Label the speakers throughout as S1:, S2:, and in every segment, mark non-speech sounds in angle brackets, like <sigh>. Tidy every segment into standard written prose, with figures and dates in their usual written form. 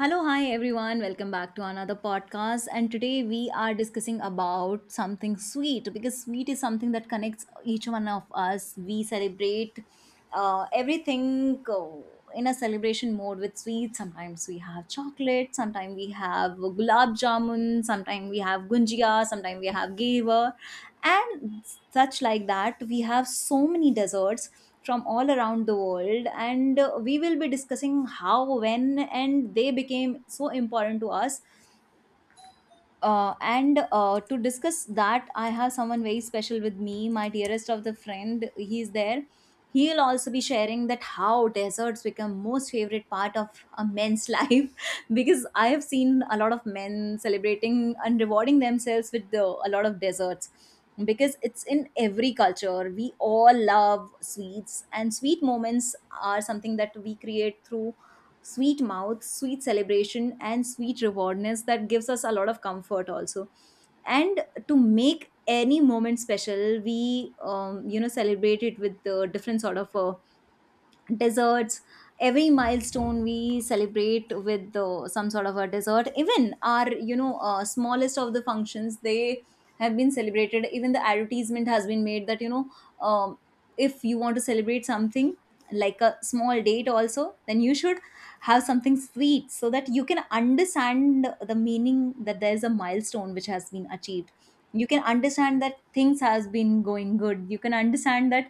S1: Hello, hi everyone. Welcome back to another podcast. And today we are discussing about something sweet because sweet is something that connects each one of us. We celebrate everything in a celebration mode with sweets. Sometimes we have chocolate, sometimes we have gulab jamun, sometimes we have gunjia, sometimes we have geva, and such like that we have so many desserts from all around the world, and we will be discussing how, when and they became so important to us. And To discuss that, I have someone very special with me, my dearest of the friend. He's there. He'll also be sharing that how deserts become most favorite part of a man's <laughs> life, because I have seen a lot of men celebrating and rewarding themselves with the, a lot of desserts, because it's in every culture we all love sweets, and sweet moments are something that we create through sweet mouth, sweet celebration, and sweet rewardness that gives us a lot of comfort also. And to make any moment special, we celebrate it with different sort of desserts. Every milestone we celebrate with some sort of a dessert. Even our smallest of the functions, they have been celebrated. Even the advertisement has been made that, you know, um, if you want to celebrate something like a small date also, then you should have something sweet, so that you can understand the meaning that there is a milestone which has been achieved. You can understand that things has been going good. You can understand that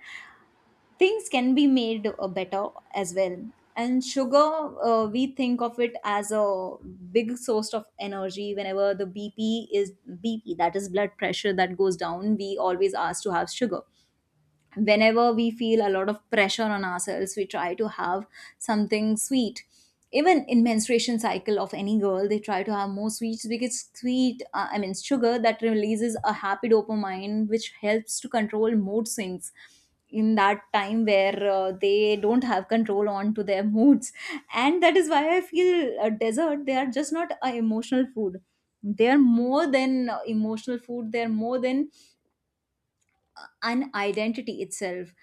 S1: things can be made better as well. And sugar, we think of it as a big source of energy. Whenever the bp that is blood pressure, that goes down, we always ask to have sugar. Whenever we feel a lot of pressure on ourselves, we try to have something sweet. Even in menstruation cycle of any girl, they try to have more sweets, because sweet, I mean sugar, that releases a happy dopamine which helps to control mood swings in that time where they don't have control on to their moods. And that is why I feel dessert, they are just not a emotional food. They are more than emotional food. They are more than an identity itself.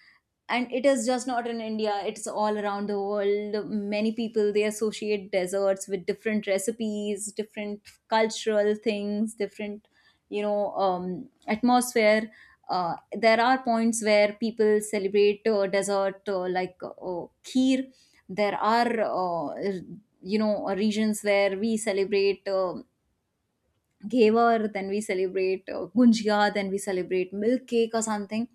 S1: And it is just not in India, it's all around the world. Many people, they associate desserts with different recipes, different cultural things, different atmosphere. There are points where people celebrate dessert like kheer. There are regions where we celebrate ghevar, then we celebrate gunjia, then we celebrate milk cake or something.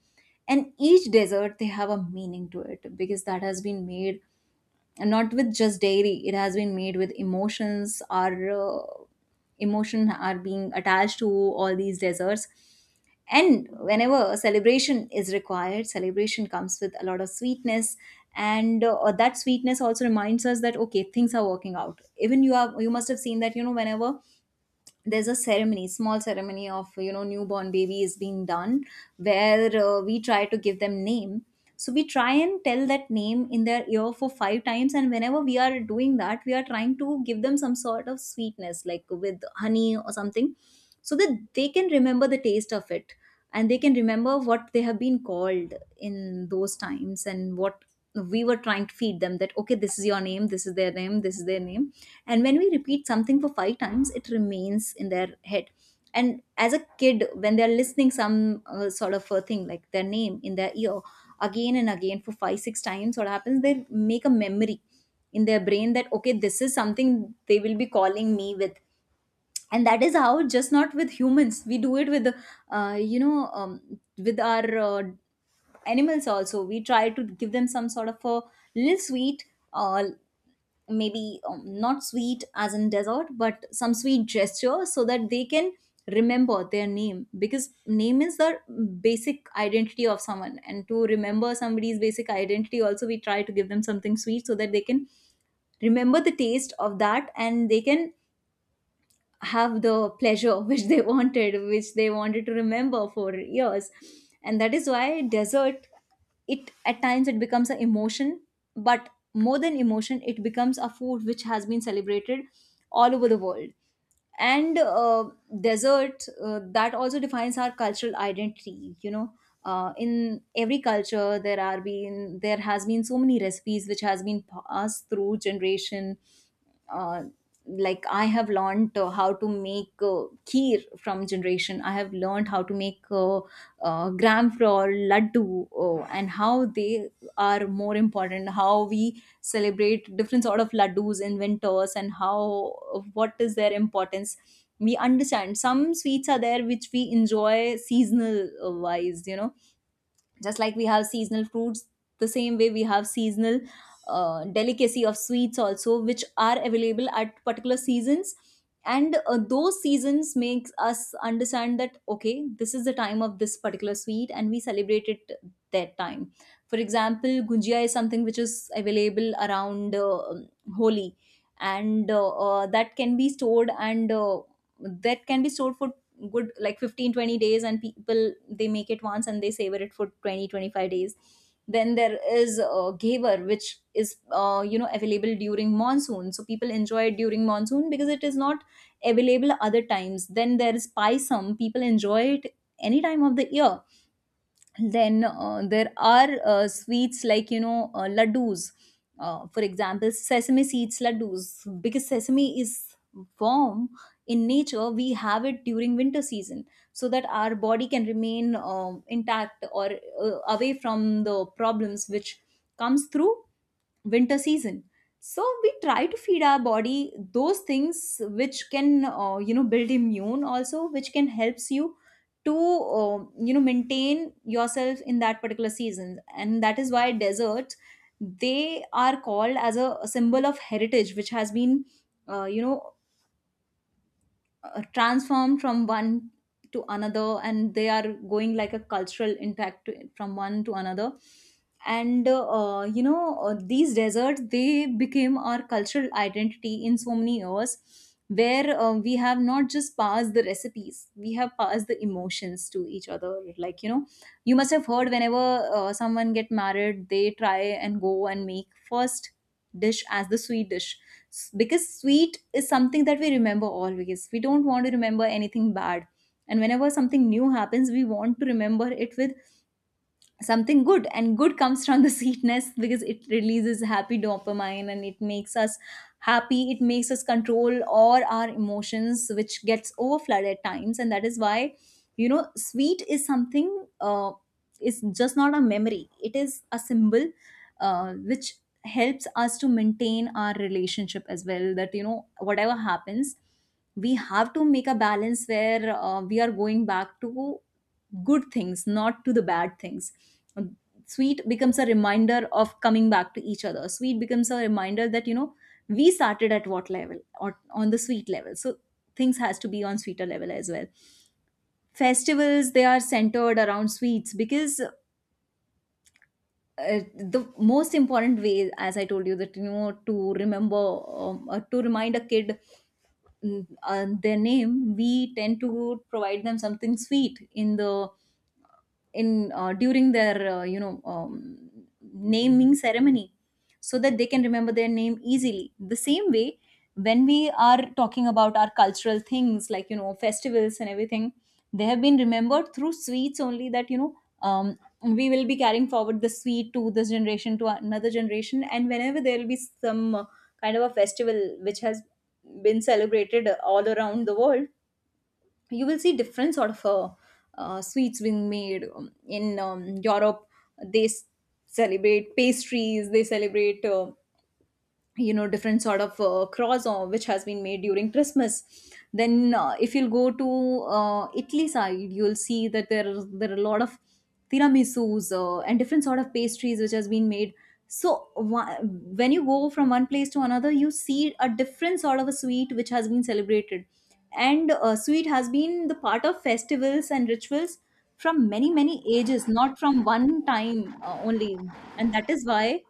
S1: And each dessert, they have a meaning to it because that has been made, and not with just dairy, it has been made with emotions. Our emotion are being attached to all these desserts. And whenever a celebration is required, celebration comes with a lot of sweetness, and that sweetness also reminds us that okay, things are working out. Even you have you must have seen that, you know, whenever there's a ceremony, small ceremony of, you know, newborn baby is being done, where we try to give them name. So we try and tell that name in their ear for 5 times, and whenever we are doing that, we are trying to give them some sort of sweetness like with honey or something, so that they can remember the taste of it, and they can remember what they have been called in those times, and what we were trying to feed them that, okay, this is your name, this is their name, this is their name. And when we repeat something for 5 times, it remains in their head. And as a kid, when they're listening some sort of a thing like their name in their ear again and again for 5 6 times, what happens, they make a memory in their brain that, okay, this is something they will be calling me with. And that is how, just not with humans, we do it with you know with our animals also. We try to give them some sort of a little sweet, uh, maybe not sweet as in dessert, but some sweet gesture, so that they can remember their name. Because name is the basic identity of someone, and to remember somebody's basic identity also, we try to give them something sweet, so that they can remember the taste of that, and they can have the pleasure which <laughs> they wanted, which they wanted to remember for years. And that is why desert, it at times it becomes an emotion, but more than emotion, it becomes a food which has been celebrated all over the world. And dessert, that also defines our cultural identity. You know, in every culture, there has been so many recipes which has been passed through generation. uh, like I have learned how to make kheer from generation. I have learned how to make gram flour laddu, and how they are more important, how we celebrate different sort of laddus in winters, and how what is their importance. We understand some sweets are there which we enjoy seasonal wise, you know. Just like we have seasonal fruits, the same way we have seasonal delicacy of sweets also, which are available at particular seasons. And those seasons makes us understand that, okay, this is the time of this particular sweet, and we celebrate it that time. For example, gujia is something which is available around holi, and that can be stored for good, like 15 20 days, and people, they make it once and they savor it for 20 25 days. Then there is gaver, which is available during monsoon, so people enjoy it during monsoon because it is not available other times. Then there is paisam, people enjoy it any time of the year. Then there are sweets like, laddus, for example sesame seeds laddus, because sesame is warm in nature. We have it during winter season, so that our body can remain intact, or away from the problems which comes through winter season. So we try to feed our body those things which can, build immune also, which can helps you to maintain yourself in that particular season. And that is why deserts, they are called as a symbol of heritage which has been uh, you know transform from one to another, and they are going like a cultural impact to, from one to another. And you know These deserts, they became our cultural identity in so many years, where we have not just passed the recipes, we have passed the emotions to each other. Like, you know, you must have heard whenever someone get married, they try and go and make first dish as the sweet dish. Because sweet is something that we remember always. We don't want to remember anything bad, and whenever something new happens, we want to remember it with something good, and good comes from the <laughs> sweetness, because it releases happy dopamine, and it makes us happy. It makes us control all our emotions which gets overflooded at times. And that is why, you know, sweet is something, is just not a memory, it is a symbol which helps us to maintain our relationship as well, that, you know, whatever happens, we have to make a balance where we are going back to good things, not to the bad things. Sweet becomes a reminder of coming back to each other. Sweet becomes a reminder that, you know, we started at what level, or on the sweet level, so things has to be on sweeter level as well. Festivals, they are centered around sweets, because uh, the most important way, as I told you, that, you know, to remember, to remind a kid, their name, we tend to provide them something sweet in the, in during their naming ceremony, so that they can remember their name easily. The same way, when we are talking about our cultural things like, you know, festivals and everything, they have been remembered through sweets only. That, you know, we will be carrying forward the sweet to this generation, to another generation. And whenever there will be some kind of a festival which has been celebrated all around the world, you will see different sort of sweets being made in Europe. They celebrate pastries. They celebrate you know different sort of cross which has been made during Christmas. Then if you'll go to Italy side, you'll see that there are a lot of tiramisus and different sort of pastries which has been made. So when you go from one place to another, you see a different sort of a sweet which has been celebrated. And sweet has been the part of festivals and rituals from many ages, not from one time only. And that is why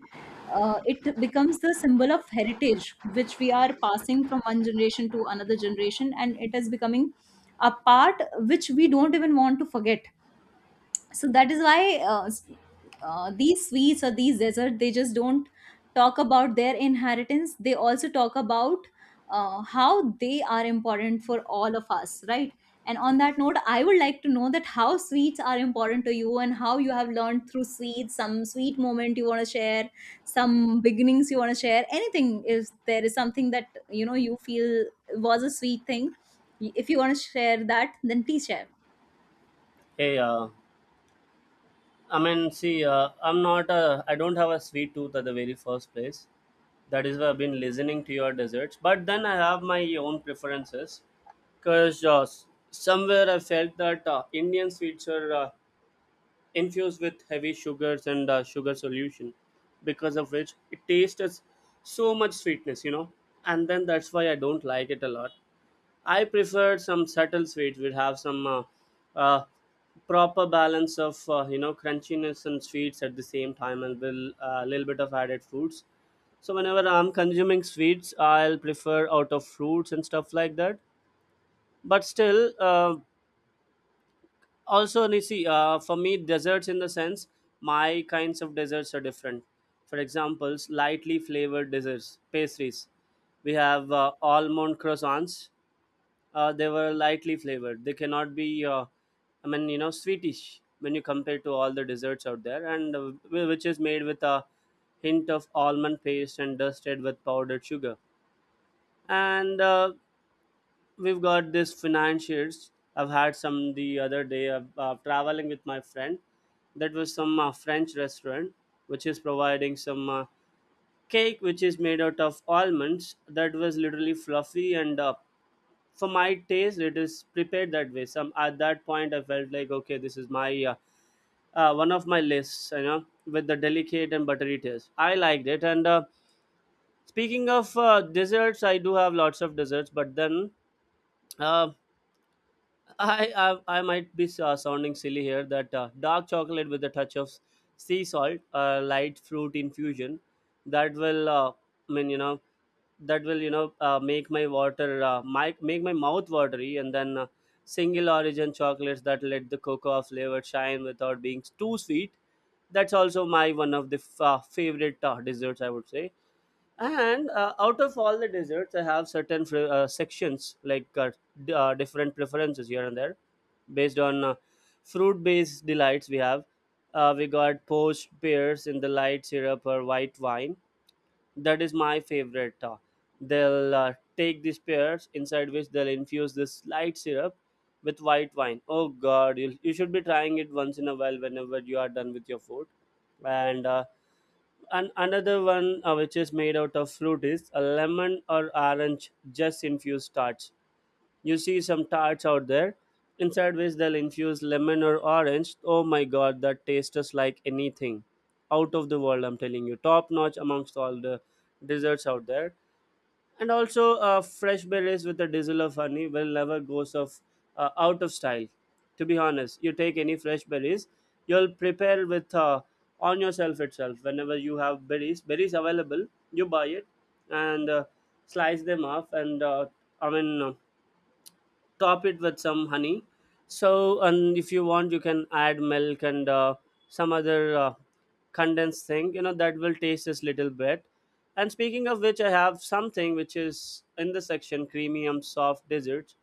S1: it becomes the symbol of heritage which we are passing from one generation to another generation, and it is becoming a part which we don't even want to forget. So that is why these sweets or these desserts, they just don't talk about their inheritance, they also talk about how they are important for all of us, right? And on that note, I would like to know that how sweets are important to you, and how you have learned through sweets. Some sweet moment you want to share, some beginnings you want to share, anything, if there is something that you know you feel was a sweet thing, if you want to share that, then please share.
S2: Hey, uh, I mean, see, I'm not a, I don't have a sweet tooth at the very first place. That is why I've been listening to your desserts. But then I have my own preferences, because somewhere I felt that Indian sweets are infused with heavy sugars and sugar solution, because of which it tastes as so much sweetness. And then that's why I don't like it a lot. I preferred some subtle sweets which have some uh, proper balance of you know crunchiness and sweets at the same time, and will a little bit of added fruits. So whenever I'm consuming sweets, I'll prefer out of fruits and stuff like that. But still, also you see, for me, desserts in the sense my kinds of desserts are different. For examples, lightly flavored desserts, pastries. We have almond croissants, they were lightly flavored. They cannot be, uh, sweetish when you compare to all the desserts out there, and which is made with a hint of almond paste and dusted with powdered sugar. And We've got this financiers. I've had some the other day traveling with my friend. That was some French restaurant which is providing some cake which is made out of almonds that was literally fluffy and for my taste it is prepared that way some at that point I felt like okay this is my one of my lists with the delicate and buttery taste I liked it and speaking of desserts I do have lots of desserts but then uh, I, I might be sounding silly here that dark chocolate with a touch of sea salt, light fruit infusion, that will uh, I mean you know that will make my water might make my mouth watery, and then single origin chocolates that let the cocoa flavor shine without being too sweet. That's also my one of the favorite desserts I would say and out of all the desserts, I have certain sections like different preferences here and there based on fruit based delights we have. We got poached pears in the light syrup or white wine. That is my favorite. They'll take these pears inside which they'll infuse this light syrup with white wine. Oh god, you should be trying it once in a while whenever you are done with your food. And uh, and another one which is made out of fruit is a lemon or orange just infused tarts. You see some tarts out there. Inside which they'll infuse lemon or orange. Oh my god, that tastes just like anything. Out of the world, I'm telling you. Top notch amongst all the desserts out there and also fresh berries with a drizzle of honey will never goes of out of style to be honest you take any fresh berries you'll prepare with on yourself itself whenever you have berries available you buy it and slice them off and i mean uh, top it with some honey so and if you want you can add milk and some other condensed thing that will taste this little bit and speaking of which I have something which is in the section creamium soft desserts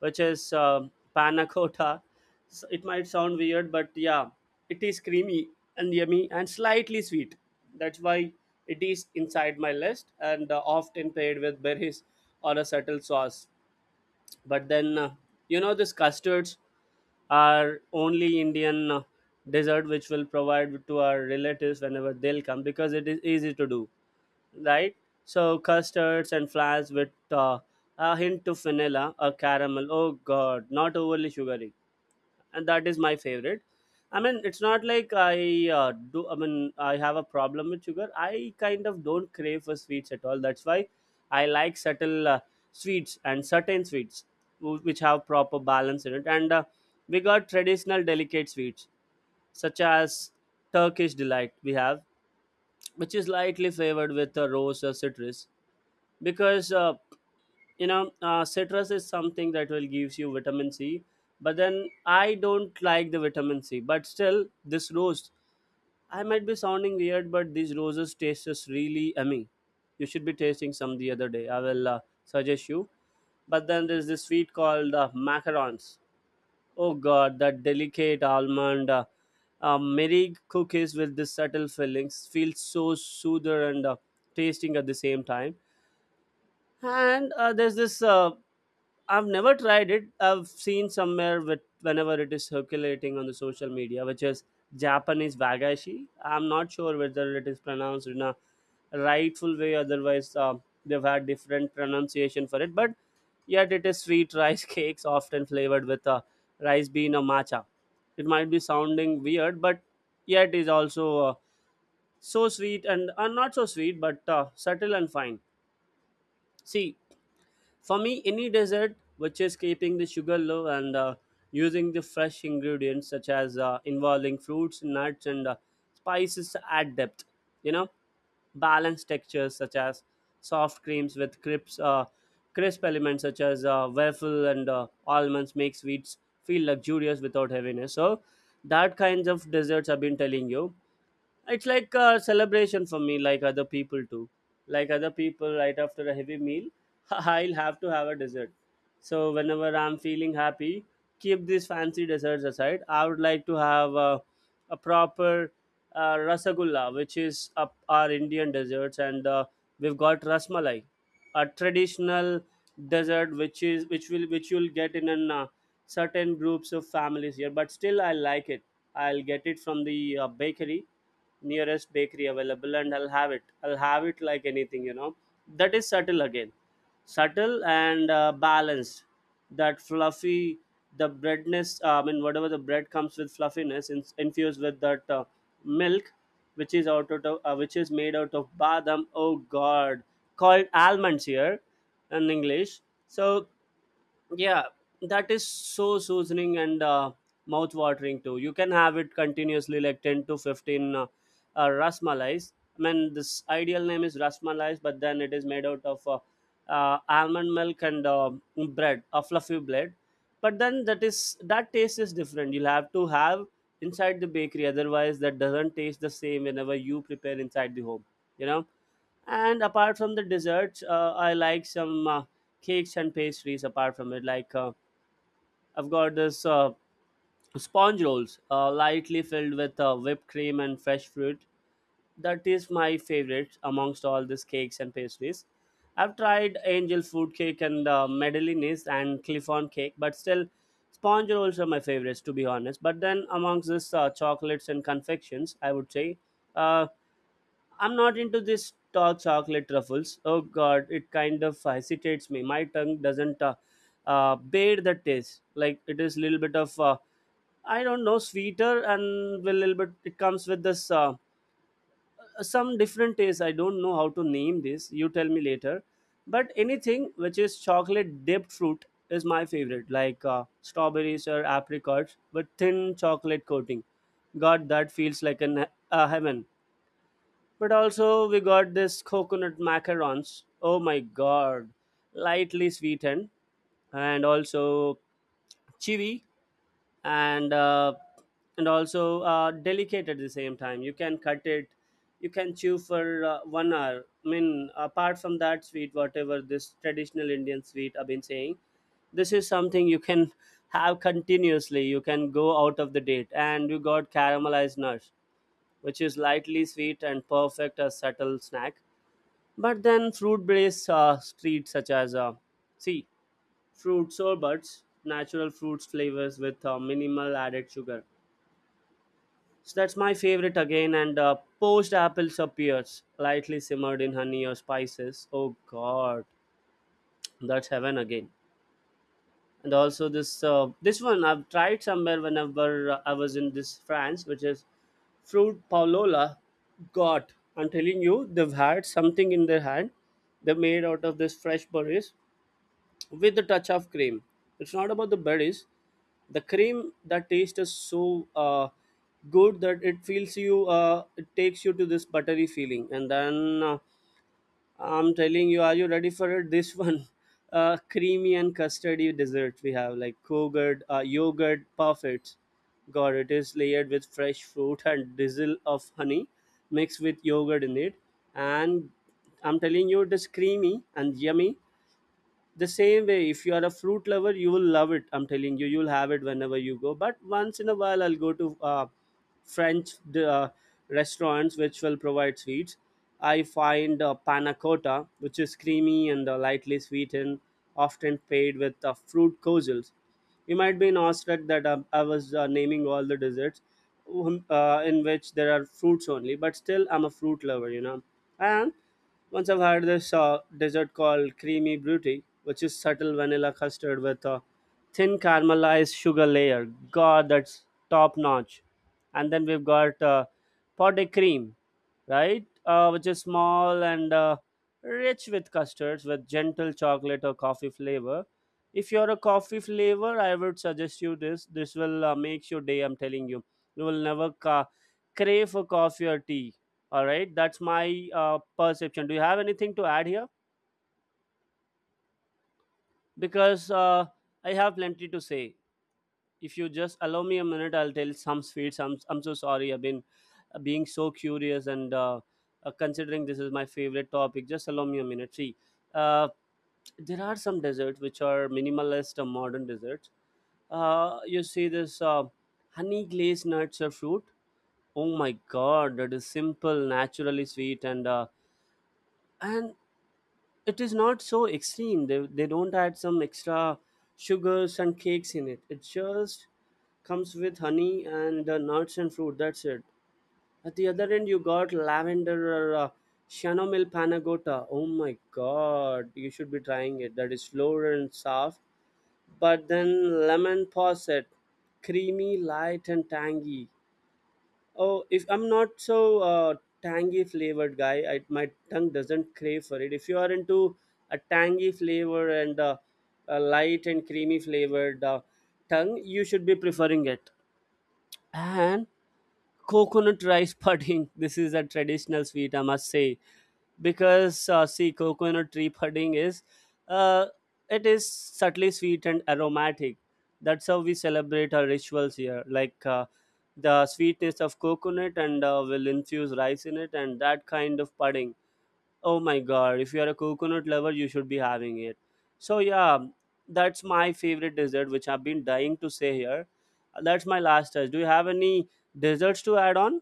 S2: which is panna cotta so it might sound weird but yeah it is creamy and yummy and slightly sweet that's why it is inside my list and often paired with berries or a subtle sauce but then these custards are only Indian dessert which will provide to our relatives whenever they'll come because it is easy to do, right? So custards and flans with a hint of vanilla or caramel, oh god, not overly sugary, and that is my favorite. I mean it's not like I do I mean I have a problem with sugar, I kind of don't crave for sweets at all that's why I like subtle sweets and certain sweets which have proper balance in it and we got traditional delicate sweets such as Turkish delight we have which is lightly flavored with rose or citrus because citrus is something that will gives you vitamin C but then I don't like the vitamin C but still this rose, I might be sounding weird but these roses taste is really yummy, you should be tasting some the other day I will suggest you. But then there's this sweet called macarons, oh god, that delicate almond merry cookies with this subtle fillings feels so soother and tasting at the same time. And there's this. I've never tried it. I've seen somewhere with whenever it is circulating on the social media, which is Japanese wagashi. I'm not sure whether it is pronounced in a rightful way. Otherwise, they've had different pronunciation for it. But yet, it is sweet rice <laughs> cakes often flavored with a rice bean or matcha. It might be sounding weird, but yet is also so sweet and not so sweet, but subtle and fine. See, for me, any dessert which is keeping the sugar low and using the fresh ingredients such as involving fruits, nuts, and spices add depth. You know, balanced textures such as soft creams with crisp elements such as waffle and almonds make sweets feel luxurious without heaviness. So, that kinds of desserts I've been telling you it's like a celebration for me like other people too, like other people, right after a heavy meal <laughs> I'll have to have a dessert. So whenever I'm feeling happy, keep these fancy desserts aside, I would like to have a proper rasagulla which is up our Indian desserts and we've got rasmalai, a traditional dessert which is which you'll get in certain groups of families here but still I like it. I'll get it from the bakery, nearest bakery available and I'll have it I'll have it like anything. That is subtle again, subtle and balanced. That fluffy, the breadness, whatever the bread comes with fluffiness in, infused with that milk which is made out of badam, oh god, called almonds here in English. So yeah, that is so soothing and mouth-watering too. You can have it continuously, like 10 to 15 rasmalais. I mean, this ideal name is rasmalais, but then it is made out of almond milk and bread, a fluffy bread. But then that taste is different. You'll have to have inside the bakery, otherwise that doesn't taste the same whenever you prepare inside the home. You know, and apart from the desserts, I like some cakes and pastries. Apart from it, like I've got this sponge rolls, lightly filled with whipped cream and fresh fruit. That is my favorite amongst all these cakes and pastries. I've tried angel food cake and medellines and cliffon cake, but still, sponge rolls are my favorites to be honest. But then amongst this chocolates and confections, I would say. Uh, I'm not into this tall chocolate truffles. Oh God, it kind of hesitates me. My tongue doesn't bear the taste. Like it is little bit of I don't know sweeter and a little bit. It comes with this some different taste. I don't know how to name this. You tell me later. But anything which is chocolate dipped fruit is my favorite, like strawberries or apricots with thin chocolate coating. God, that feels like a heaven. But also we got this coconut macarons. Oh my god. Lightly sweetened and also chewy and also delicate at the same time. You can cut it. You can chew for 1 hour. I mean, apart from that sweet, whatever this traditional Indian sweet I've been saying, this is something you can have continuously. You can go out of the date. And you got caramelized nuts, which is lightly sweet and perfect as subtle snack, but then fruit-based treats such as see fruit sorbets, natural fruits flavors with minimal added sugar. So that's my favorite again. And poached apples appears lightly simmered in honey or spices. Oh God, that's heaven again. And also this this one I've tried somewhere whenever I was in this France, which is fruit paulola. God, I'm telling you, they've had something in their hand. They're made out of this fresh berries with a touch of cream. It's not about the berries. The cream that taste is so good that it feels you. It takes you to this buttery feeling, and then I'm telling you, are you ready for it? This <laughs> one, creamy and custardy dessert we have like yogurt, yogurt parfait. God, it is layered with fresh fruit <laughs> and drizzle of honey mixed with yogurt in it, and I'm telling you, it is creamy and yummy the same way. If you are a fruit lover you will love it. I'm telling you, you'll have it whenever you go. But once in a while I'll go to french restaurants which will provide sweets. I find panna cotta, which is creamy and lightly sweetened, often paired with fruit cozels. You might be in awestruck that I was naming all the desserts, in which there are fruits only, but still I'm a fruit lover, you know. And once I've had this dessert called creamy brutti, which is subtle vanilla custard with a thin caramelized sugar layer. God, that's top notch. And then we've got pot de cream, right? Which is small and rich with custards with gentle chocolate or coffee flavor. If you're a coffee flavor, I would suggest you this. This will make your day. I'm telling you, you will never ca- crave for coffee or tea. All right, that's my perception. Do you have anything to add here? Because I have plenty to say. If you just allow me a minute, I'll tell some sweets. I'm so sorry. I've been being so curious, and considering this is my favorite topic. Just allow me a minute. See, uh, there are some desserts which are minimalist or modern desserts. You see this honey glazed nuts or fruit. Oh my god, that is simple, naturally sweet, and it is not so extreme. They don't add some extra sugars and cakes in it. It just comes with honey and nuts and fruit, that's it. At the other end you got lavender or chamomile panagota. Oh my god, you should be trying it. That is slower and soft. But then lemon posset, creamy, light and tangy. Oh, if I'm not so tangy flavored guy, I, my tongue doesn't crave for it. If you are into a tangy flavor and a light and creamy flavored tongue, you should be preferring it. And coconut rice <laughs> pudding. This is a traditional sweet, I must say, because see coconut tree pudding is uh, it is subtly sweet and aromatic. That's how we celebrate our rituals here, like the sweetness of coconut and will infuse rice in it, and that kind of pudding. Oh my god, if you are a coconut lover you should be having it. So yeah, that's my favorite dessert which I've been dying to say here. That's my last touch. Do you have any desserts to add on,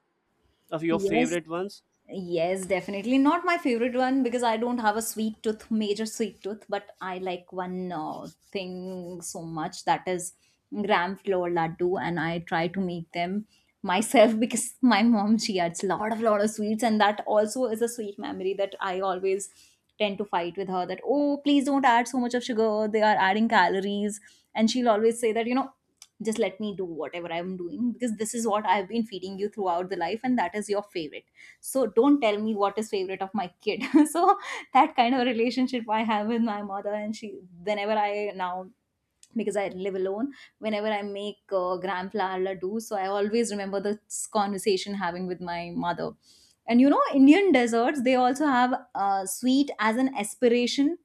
S2: of your
S1: Yes.
S2: favorite ones?
S1: Yes, definitely. Not my favorite one because I don't have a sweet tooth, major sweet tooth, but I like one thing so much, that is gram flour laddu, and I try to make them myself <laughs> because my mom, she adds lot of sweets, and that also is a sweet memory that I always tend to fight with her that, oh please don't add so much of sugar, they are adding calories. And she'll always say that, you know, just let me do whatever I'm doing because this is what I've been feeding you throughout the life and that is your favorite, so don't tell me what is favorite of my kid. <laughs> So that kind of relationship I have with my mother. And she, whenever I now, because I live alone, whenever I make gram flour laddu, so I always remember this conversation having with my mother. And you know, Indian desserts, they also have sweet as an aspiration.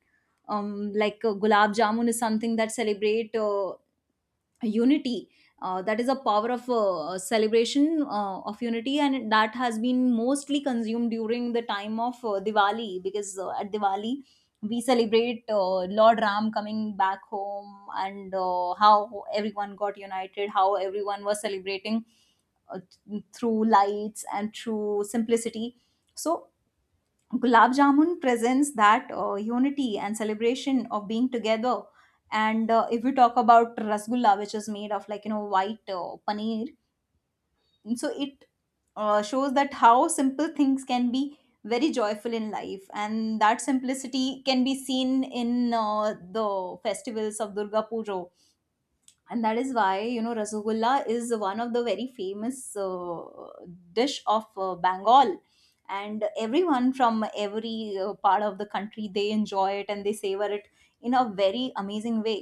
S1: Like gulab jamun is something that celebrate unity, that is a power of celebration of unity, and that has been mostly consumed during the time of Diwali, because at Diwali we celebrate Lord Ram coming back home, and how everyone got united, how everyone was celebrating uh, through lights and through simplicity. So Gulab Jamun presents that unity and celebration of being together. And if we talk about Rasgulla, which is made of, like, you know, white paneer, so it shows that how simple things can be very joyful in life. And that simplicity can be seen in the festivals of Durga Puja, and that is why, you know, rasagulla is one of the very famous dish of Bengal, and everyone from every part of the country, they enjoy it and they savor it in a very amazing way.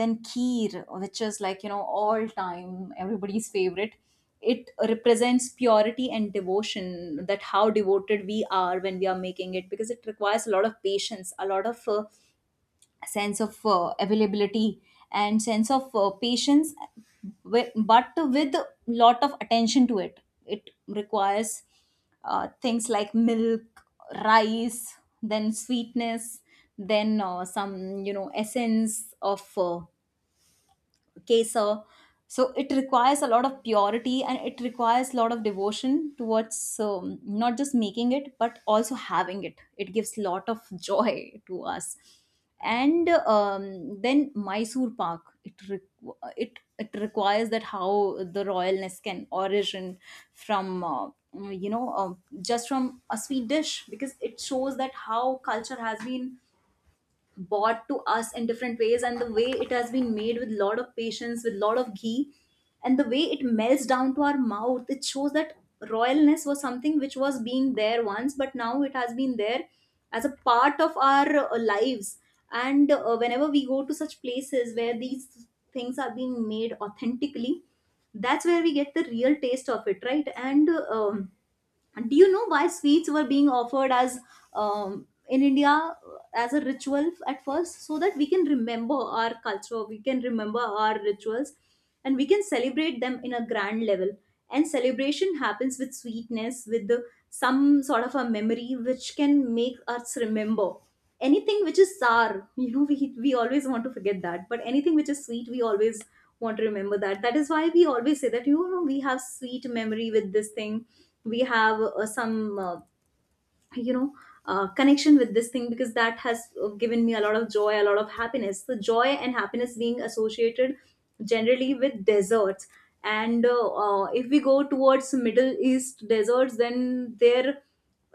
S1: Then kheer, which is, like, you know, all time everybody's favorite, it represents purity and devotion, that how devoted we are when we are making it, because it requires a lot of patience, a lot of sense of availability and sense of patience, but with a lot of attention to it. It requires things like milk, rice, then sweetness, then some, you know, essence of kesar. So it requires a lot of purity and it requires a lot of devotion towards not just making it but also having it. It gives a lot of <laughs> joy to us. And then Mysore pak, it requires that how the royalness can origin from you know uh, just from a sweet dish, because it shows that how culture has been bought to us in different ways, and the way it has been made with lot of patience, with lot of ghee, and the way it melts down to our mouth, it shows that royalness was something which was being there once, but now it has been there as a part of our lives. And whenever we go to such places where these things are being made authentically, that's where we get the real taste of it, right? And and do you know why sweets were being offered as in India as a ritual at first? So that we can remember our culture, we can remember our rituals, and we can celebrate them in a grand level. And celebration happens with sweetness, with the some sort of a memory which can make us remember anything which is sour. <laughs> You know, we always want to forget that, but anything which is sweet, we always want to remember that. That is why we always say that, you know, we have sweet memory with this thing, we have some you know connection with this thing, because that has given me a lot of joy, a lot of happiness. So joy and happiness being associated generally with deserts. And if we go towards Middle East deserts, then their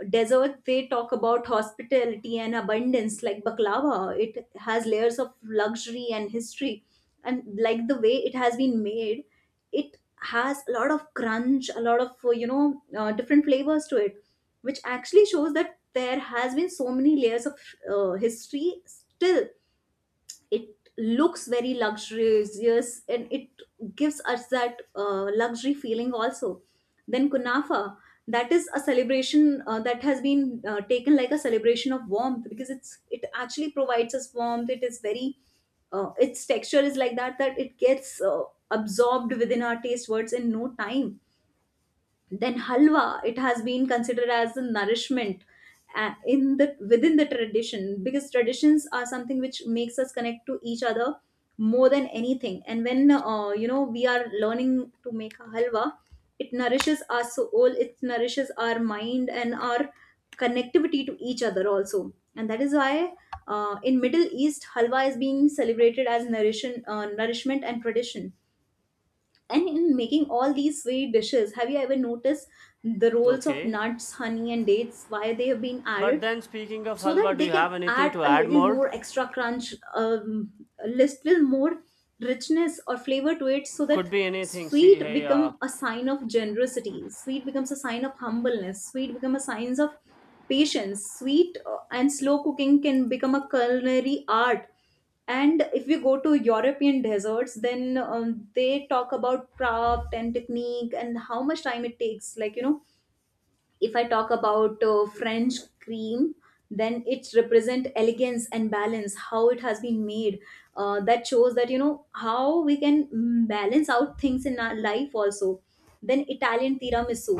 S1: desert, they talk about hospitality and abundance. Like baklava, it has layers of luxury and history, and like the way it has been made, it has a lot of crunch, a lot of different flavors to it, which actually shows that there has been so many layers of history. Still it looks very luxurious and it gives us that luxury feeling also. Then kunafa, that is a celebration, that has been taken like a celebration of warmth, because it actually provides us warmth. It is very its texture is like that, that it gets absorbed within our taste buds in no time. Then halwa, it has been considered as a nourishment in the within the tradition, because traditions are something which makes us connect to each other more than anything. And when you know, we are learning to make a halwa, it nourishes our soul, it nourishes our mind, and our connectivity to each other also. And that is why in Middle East, halwa is being celebrated as nourishment, nourishment and tradition. And in making all these sweet dishes, have you ever noticed the roles of
S2: Okay.
S1: nuts, honey, and dates, why they have been
S2: But
S1: added?
S2: then, speaking of
S1: So that
S2: halwa, do
S1: they
S2: you
S1: can
S2: have anything
S1: add
S2: to
S1: a
S2: add
S1: little
S2: more?
S1: more extra crunch, a little more richness or flavor to it, so
S2: Could
S1: that
S2: be anything. See,
S1: sweet
S2: hey,
S1: become a sign of generosity, sweet becomes a sign of humbleness, sweet become a sign of patience, sweet, and slow cooking can become a culinary art. And if we go to European desserts, then they talk about craft and technique and how much time it takes. Like, you know, if I talk about French cream, then it represent elegance and balance, how it has been made. That shows that, you know, how we can balance out things in our life also. Then Italian tiramisu,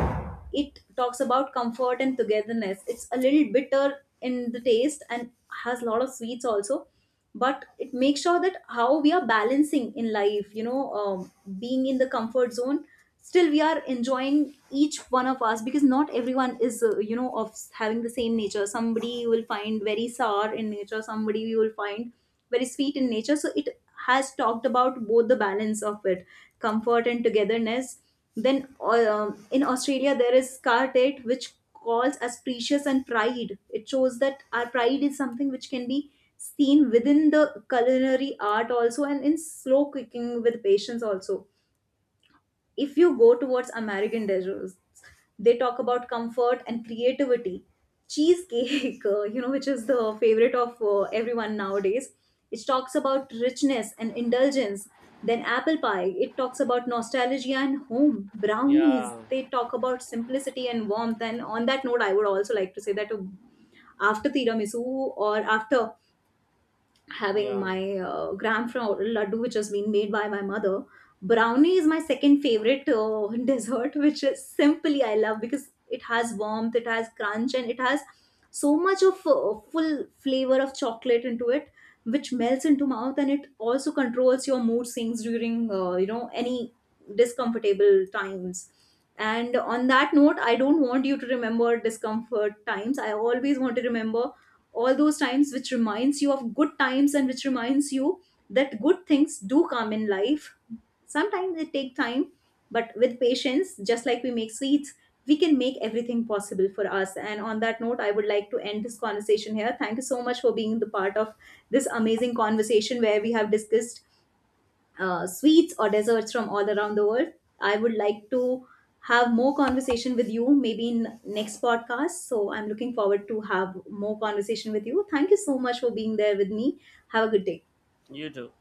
S1: it talks about comfort and togetherness. It's a little bitter in the taste and has a lot of sweets also, but it makes sure that how we are balancing in life, you know, being in the comfort zone, still we are enjoying each one of us, because not everyone is of having the same nature. Somebody you will find very sour in nature, somebody you will find very sweet in nature. So it has talked about both the balance of it, comfort and togetherness. Then in Australia, there is scarlet, which calls us precious and pride. It shows that our pride is something which can be seen within the culinary art also, and in slow cooking with patience also. If you go towards American desserts, they talk about comfort and creativity. Cheesecake, <laughs> you know, which is the favorite of everyone nowadays, it talks about richness and indulgence. Then apple pie, it talks about nostalgia and home. Brownies,
S2: yeah,
S1: they talk about simplicity and warmth. And on that note, I would also like to say that, after tiramisu, or after having
S2: yeah,
S1: my gram from laddu which has been made by my mother, brownie is my second favorite <laughs> dessert, which is simply I love because it has warmth, it has crunch, and it has so much of full flavor of chocolate into it, which melts into mouth, and it also controls your mood swings during any discomfortable times. And on that note, I don't want you to remember discomfort times. I always want to remember all those times which reminds you of good times, and which reminds you that good things do come in life. Sometimes they take time, but with patience, just like we make sweets, we can make everything possible for us. And on that note, I would like to end this conversation here. Thank you so much for being the part of this amazing conversation where we have discussed sweets or desserts from all around the world. I would like to have more conversation with you, maybe in next podcast. So I'm looking forward to have more conversation with you. Thank you so much for being there with me. Have a good day.
S2: you too.